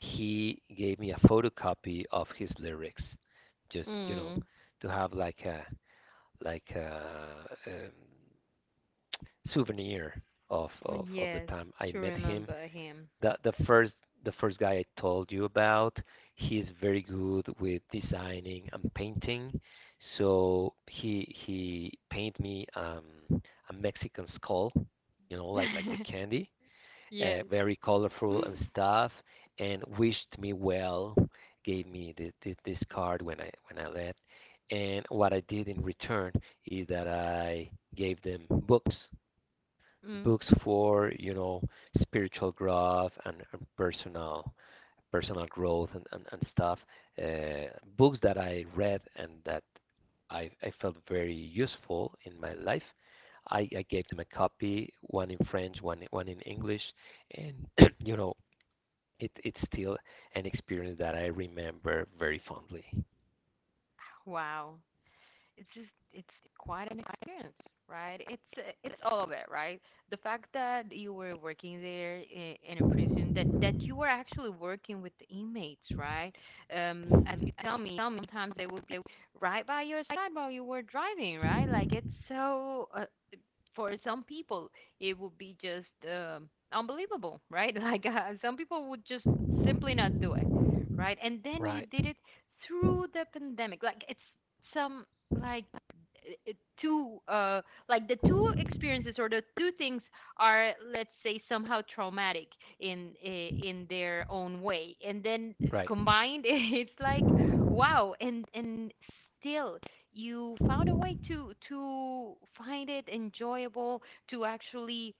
S1: he gave me a photocopy of his lyrics, just you know,
S2: Mm.
S1: to have like a like a, um souvenir of the
S2: Yes,
S1: time I
S2: to
S1: met him.
S2: remember him.
S1: The the first the first guy I told you about, he's very good with designing and painting. So he painted me, a Mexican skull, you know, like the candy,
S2: Yes.
S1: very colorful and stuff, and wished me well, gave me this, this card when I left. And what I did in return is that I gave them books,
S2: Mm.
S1: books for you know spiritual growth and personal personal growth and stuff, uh, books that I read and that I felt very useful in my life. I gave them a copy, one in french, one in english, and you know it's still an experience that I remember very fondly.
S2: Wow. It's quite an experience, right? It's it's all of it, right? The fact that you were working there in a prison, that you were actually working with the inmates, right? Um, and you
S1: Mhm.
S2: tell me sometimes they would be right by your side while you were driving, right? like it's so For some people it would be just unbelievable, right? Some people would just simply not do it, right? And then you
S1: Right.
S2: did it through the pandemic. Like it's some like uh, two uh like the two experiences or the two things are, let's say, somehow traumatic in in their own way, and then
S1: Right.
S2: combined it's like wow. And still you found a way to find it enjoyable, to actually,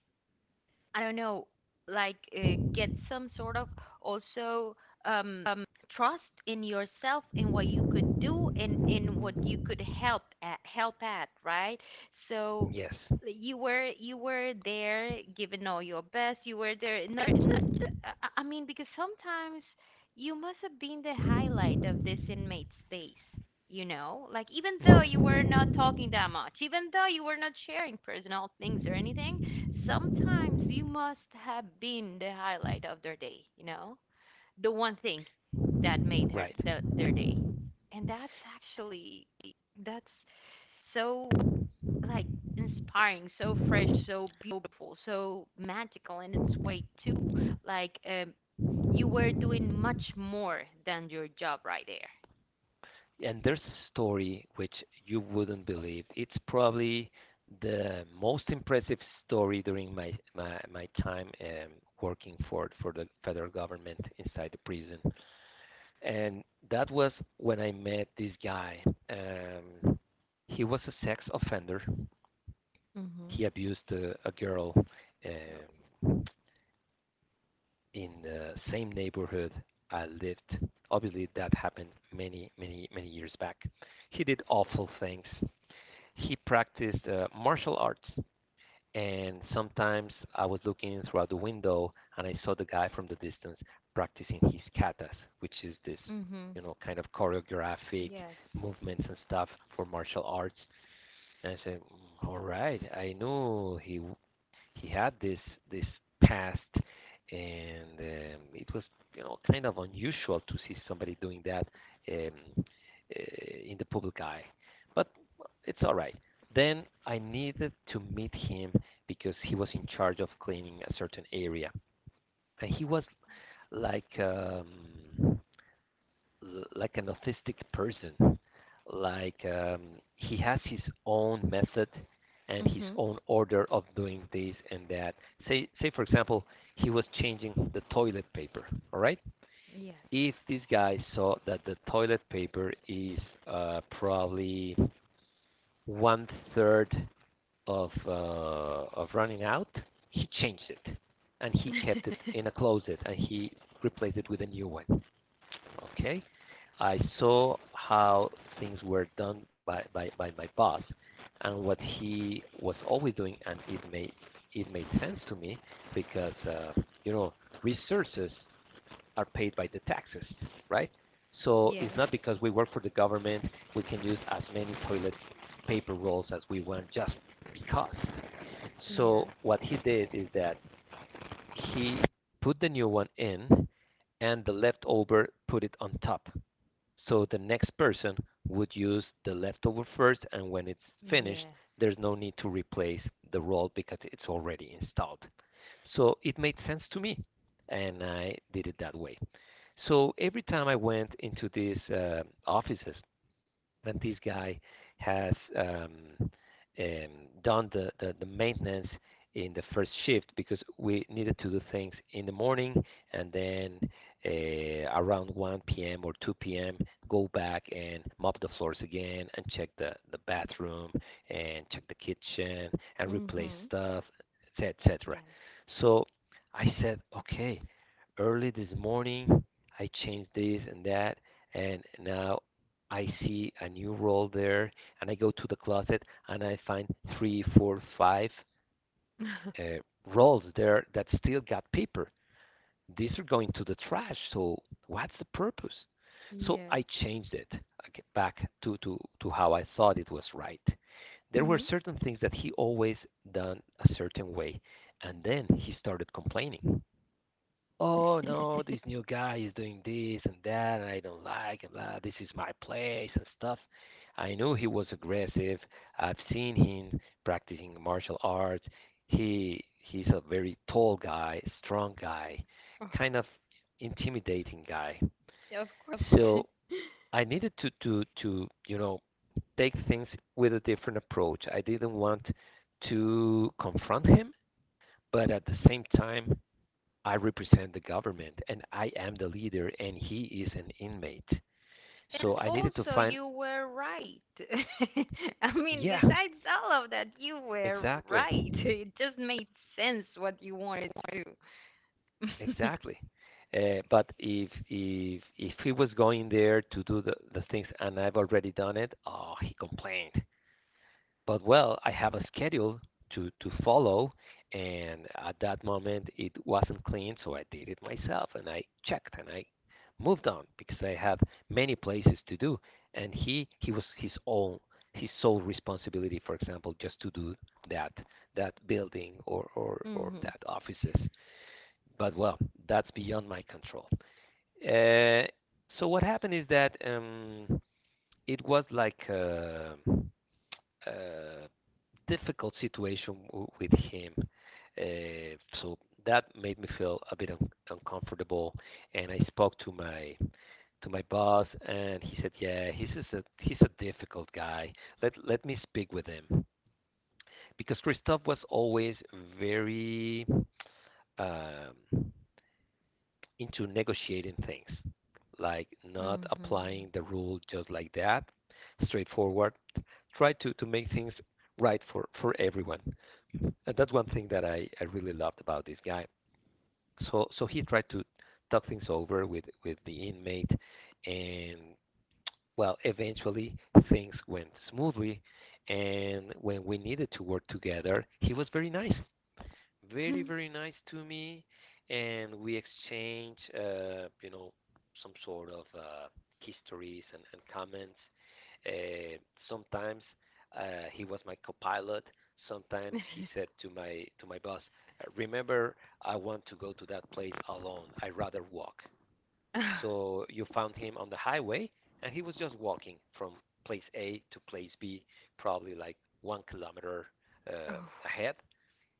S2: I don't know, get some sort of also um, um, trust in yourself, in what you could do and in what you could help at, right? So
S1: Yes.
S2: you were there giving all your best. You were there. Not, not, I mean, because sometimes you must have been the highlight of this inmate's days. You know, like even though you were
S1: Mhm.
S2: not talking that much, even though you were not sharing personal things or anything, sometimes you must have been the highlight of their day, you know, the one thing that made
S1: Right.
S2: their day. And that's actually that's so like inspiring, so fresh, so beautiful, so magical in its way too. Like you were doing much more than your job right there.
S1: And there's a story which you wouldn't believe. It's probably the most impressive story during my my time working for the federal government inside the prison, and that was when I met this guy. Um, he was a sex offender.
S2: Mhm.
S1: He abused a girl um, in the same neighborhood I lived. Obviously, that happened many, many, many years back. He did awful things. He practiced martial arts, and sometimes I was looking throughout the window and I saw the guy from the distance practicing his katas, which is this,
S2: Oh. Mhm.
S1: you know, kind of choreographic
S2: Yes.
S1: movements and stuff for martial arts. And I said, "Mm, all right, I knew he had this this past, and it was you know kind of unusual to see somebody doing that, um, in the public eye. But well, it's all right." Then I needed to meet him because he was in charge of cleaning a certain area, and he was like, like an autistic person. Like, he has his own method and his
S2: Mhm.
S1: own order of doing this and that. Say for example, he was changing the toilet paper. All right.
S2: Yes.
S1: If this guy saw that the toilet paper is probably one third of running out, he changed it and he kept it in a closet and he replaced it with a new one. Okay, I saw how things were done by, by my boss and what he was always doing, and it made sense to me because you know resources are paid by the taxes, right? So it's
S2: Yes.
S1: not because we work for the government we can use as many toilet paper rolls as we want just because. So
S2: Yes.
S1: what he did is that he put the new one in and the leftover put it on top, so the next person would use the leftover first, and when it's finished,
S2: yes.
S1: there's no need to replace the roll because it's already installed. So it made sense to me, and I did it that way. So every time I went into these offices, this guy has um, um, done the maintenance in the first shift because we needed to do things in the morning, and then around 1 p.m. or 2 p.m. go back and mop the floors again and check the bathroom and check the kitchen and replace
S2: Mhm.
S1: stuff, etc. etc.
S2: Yes.
S1: So I said, okay, early this morning I changed this and that, and now I see a new roll there, and I go to the closet and I find three, four, five uh, rolls there that still got paper. These are going to the trash. So what's the purpose? So
S2: Yes.
S1: I changed it. I get back to, to how I thought it was right. There were
S2: Mhm.
S1: certain things that he always done a certain way, and then he started complaining, "Oh no, this new guy is doing this and that, and I don't like, and blah, this is my place and stuff." I knew he was aggressive. I've seen him practicing martial arts. He's a very tall guy, strong guy,
S2: Oh,
S1: kind of intimidating guy.
S2: yeah, of course.
S1: So I needed to you know take things with a different approach. I didn't want to confront him, but at the same time I represent the government and I am the leader and he is an inmate.
S2: And
S1: So I needed to
S2: also,
S1: find,
S2: you were right. I mean,
S1: yeah,
S2: besides all of that, you were
S1: exactly.
S2: right. It just made sense what you wanted to do.
S1: Exactly. But if he was going there to do the things and I've already done it, oh he complained. But well, I have a schedule to follow, and at that moment it wasn't clean, so I did it myself, and I checked and I moved on because I had many places to do, and he was his own, his sole responsibility, for example, just to do that that building or or
S2: Mhm.
S1: that offices. But well, that's beyond my control. Uh, so what happened is that it was like a difficult situation w- with him. Uh, so that made me feel a bit un- uncomfortable, and I spoke to my boss, and he said, "Yeah, he's just a he's a difficult guy. Let let me speak with him." Because Christophe was always very um, into negotiating things, like not
S2: Mhm.
S1: applying the rule just like that, straightforward. Try to make things right for everyone. And that's one thing that I really loved about this guy. So he tried to talk things over with the inmate and, well, eventually things went smoothly, and when we needed to work together he was very nice, very very nice to me. And we exchange some sort of histories and comments. uh, Sometimes he was my co-pilot. Sometimes he said to my boss, remember, I want to go to that place alone. I rather walk. So you found him on the highway." And he was just walking from place A to place B, probably like 1 kilometer uh,
S2: Oh.
S1: ahead.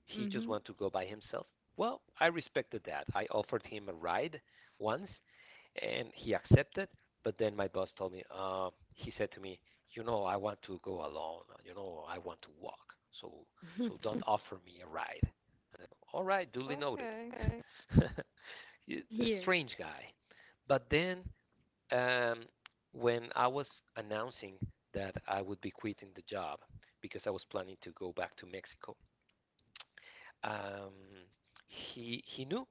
S1: He just
S2: Mhm.
S1: wanted to go by himself. Well, I respected that. I offered him a ride once, and he accepted. But then my boss told me, he said to me, you know, I want to go alone. You know, I want to walk. So, so don't offer me a ride. I, All right, duly noted.
S2: Okay. Yes.
S1: Strange guy. But then, um, when I was announcing that I would be quitting the job because I was planning to go back to Mexico, um, he knew,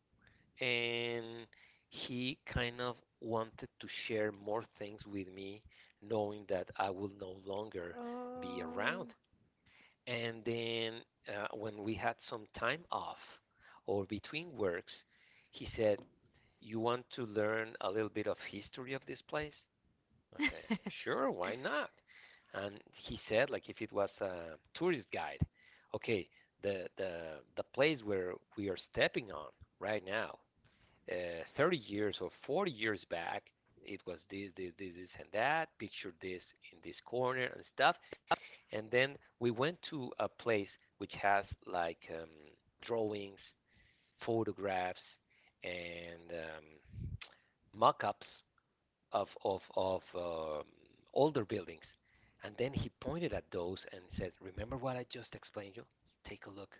S1: and he kind of wanted to share more things with me, knowing that I will no longer be
S2: Oh.
S1: around. And then when we had some time off or between works, he said, you want to learn a little bit of history of this place? I said, sure, why not? And he said, like, if it was a tourist guide, okay, the the place where we are stepping on right now, 30 years or 40 years back, it was this, this, this, this, and that. Picture this in this corner and stuff. And then we went to a place which has like drawings, photographs, and mock-ups of of older buildings, and then he pointed at those and said, "Remember what I just explained you? Take a look."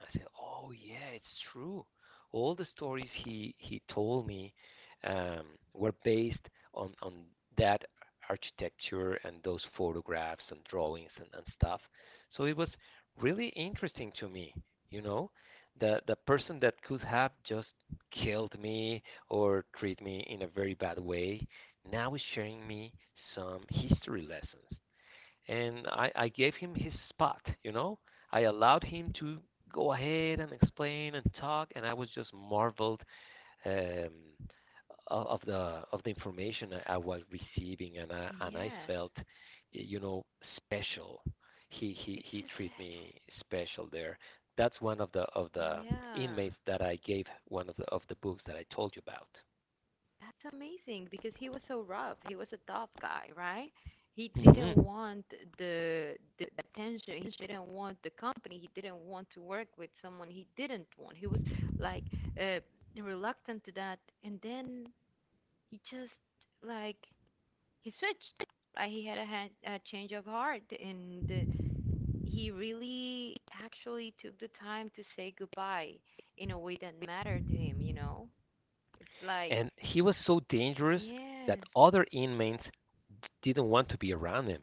S1: I said, "Oh yeah, it's true. All the stories he told me um, were based on that architecture and those photographs and drawings and stuff. So it was really interesting to me, you know, the person that could have just killed me or treat me in a very bad way now is sharing me some history lessons. And I gave him his spot, you know. I allowed him to go ahead and explain and talk, and I was just marveled um, of the information I was receiving, and I
S2: Yes.
S1: felt, you know, special. He he
S2: It's
S1: he
S2: just
S1: treated
S2: that.
S1: me special there. That's one of the
S2: Yeah.
S1: inmates that I gave one of the books that I told you about.
S2: That's amazing because he was so rough. He was a tough guy, right? He didn't
S1: Hmm.
S2: want the attention. He didn't want the company. He didn't want to work with someone he didn't want. He was like uh, reluctant to that, and then he just like he switched. He had a, a change of heart, and he really actually took the time to say goodbye in a way that mattered to him. You know, it's like
S1: And he was so dangerous that
S2: yes,
S1: other inmates didn't want to be around him.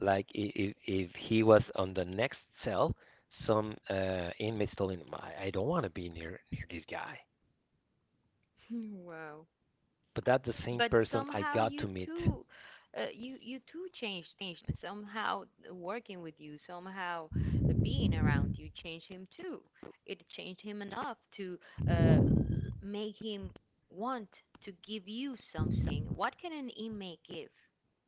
S1: Like, if he was on the next cell, some inmates told him, "I don't want to be near this guy."
S2: Wow.
S1: But that's the same
S2: But
S1: person I
S2: somehow
S1: got to
S2: you
S1: meet.
S2: too, you too changed him. Somehow working with you, somehow being around you changed him too. It changed him enough to uh, make him want to give you something. What can an inmate give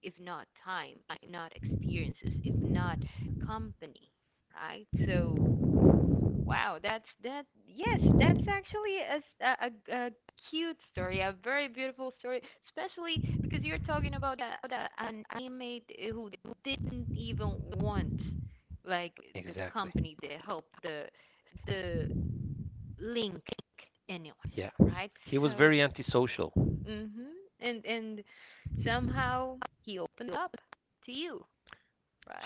S2: if not time, if not experiences, if not company, right? So wow, that's that. Yes, that's actually a, a cute story, a very beautiful story, especially because you're talking about a, an inmate who didn't even want like the
S1: Exactly.
S2: company, the help, the the link, anyone,
S1: Yeah.
S2: right?
S1: He was
S2: So,
S1: very antisocial.
S2: mhm, and somehow he opened up to you,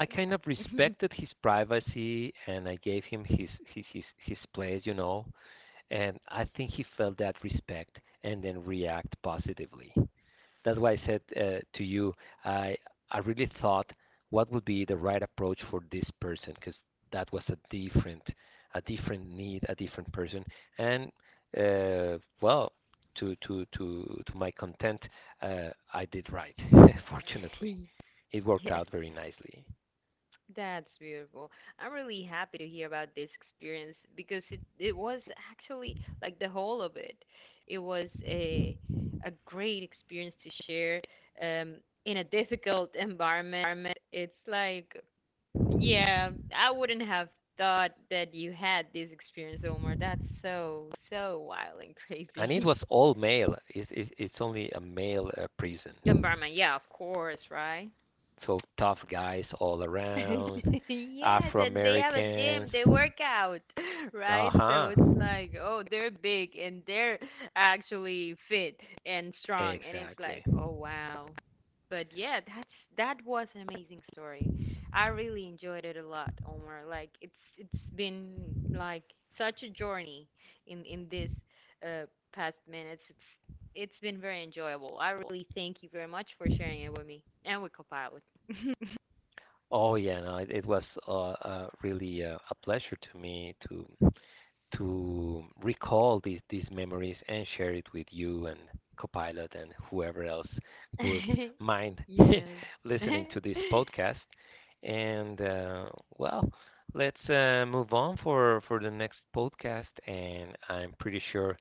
S1: I kind of respected his privacy and I gave him his place, you know. And I think he felt that respect and then react positively. That's why I said to you, I I really thought what would be the right approach for this person, because that was a different need, a different person. And well, to my content, I did right. Fortunately, it worked
S2: Yes.
S1: out very nicely,
S2: That's beautiful. I'm really happy to hear about this experience because it was actually like the whole of it. It was a great experience to share um in a difficult environment. It's like yeah, I wouldn't have thought that you had this experience, Omar. That's so so wild and
S1: and it
S2: crazy.
S1: was all male. It's only a male prison,
S2: Environment, yeah, of course, right?
S1: so tough guys all around,
S2: Yes,
S1: Afro
S2: and they have a gym,
S1: Americans.
S2: they work out,
S1: Uh
S2: right? So
S1: huh.
S2: it's like, oh, they're big and they're actually fit and strong, and it's like,
S1: Exactly.
S2: oh wow. But yeah, that's that was an amazing story. I really enjoyed it a lot, Omar. Like it's been like such a journey in this uh past minutes. It's been very enjoyable. I really thank you very much for sharing it with me and with Copilot.
S1: Oh yeah, no, it was really a pleasure to me to recall these memories and share it with you and Copilot and whoever else would mind
S2: Yes.
S1: listening to this podcast. And well, let's move on for the next podcast. And I'm pretty sure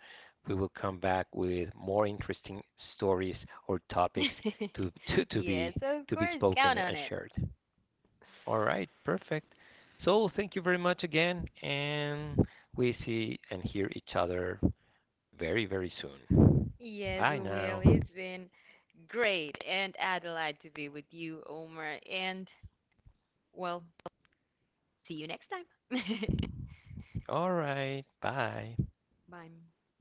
S1: we will come back with more interesting stories or topics to to
S2: Yes,
S1: be
S2: of
S1: to be
S2: course,
S1: spoken
S2: count on
S1: and
S2: it.
S1: shared. All right, perfect. So thank you very much again, and we see and hear each other very, very soon.
S2: Yes,
S1: Bye
S2: we will.
S1: now.
S2: It's been great and a delight to be with you, Omar. And, well, see you next time.
S1: All right, bye.
S2: Bye.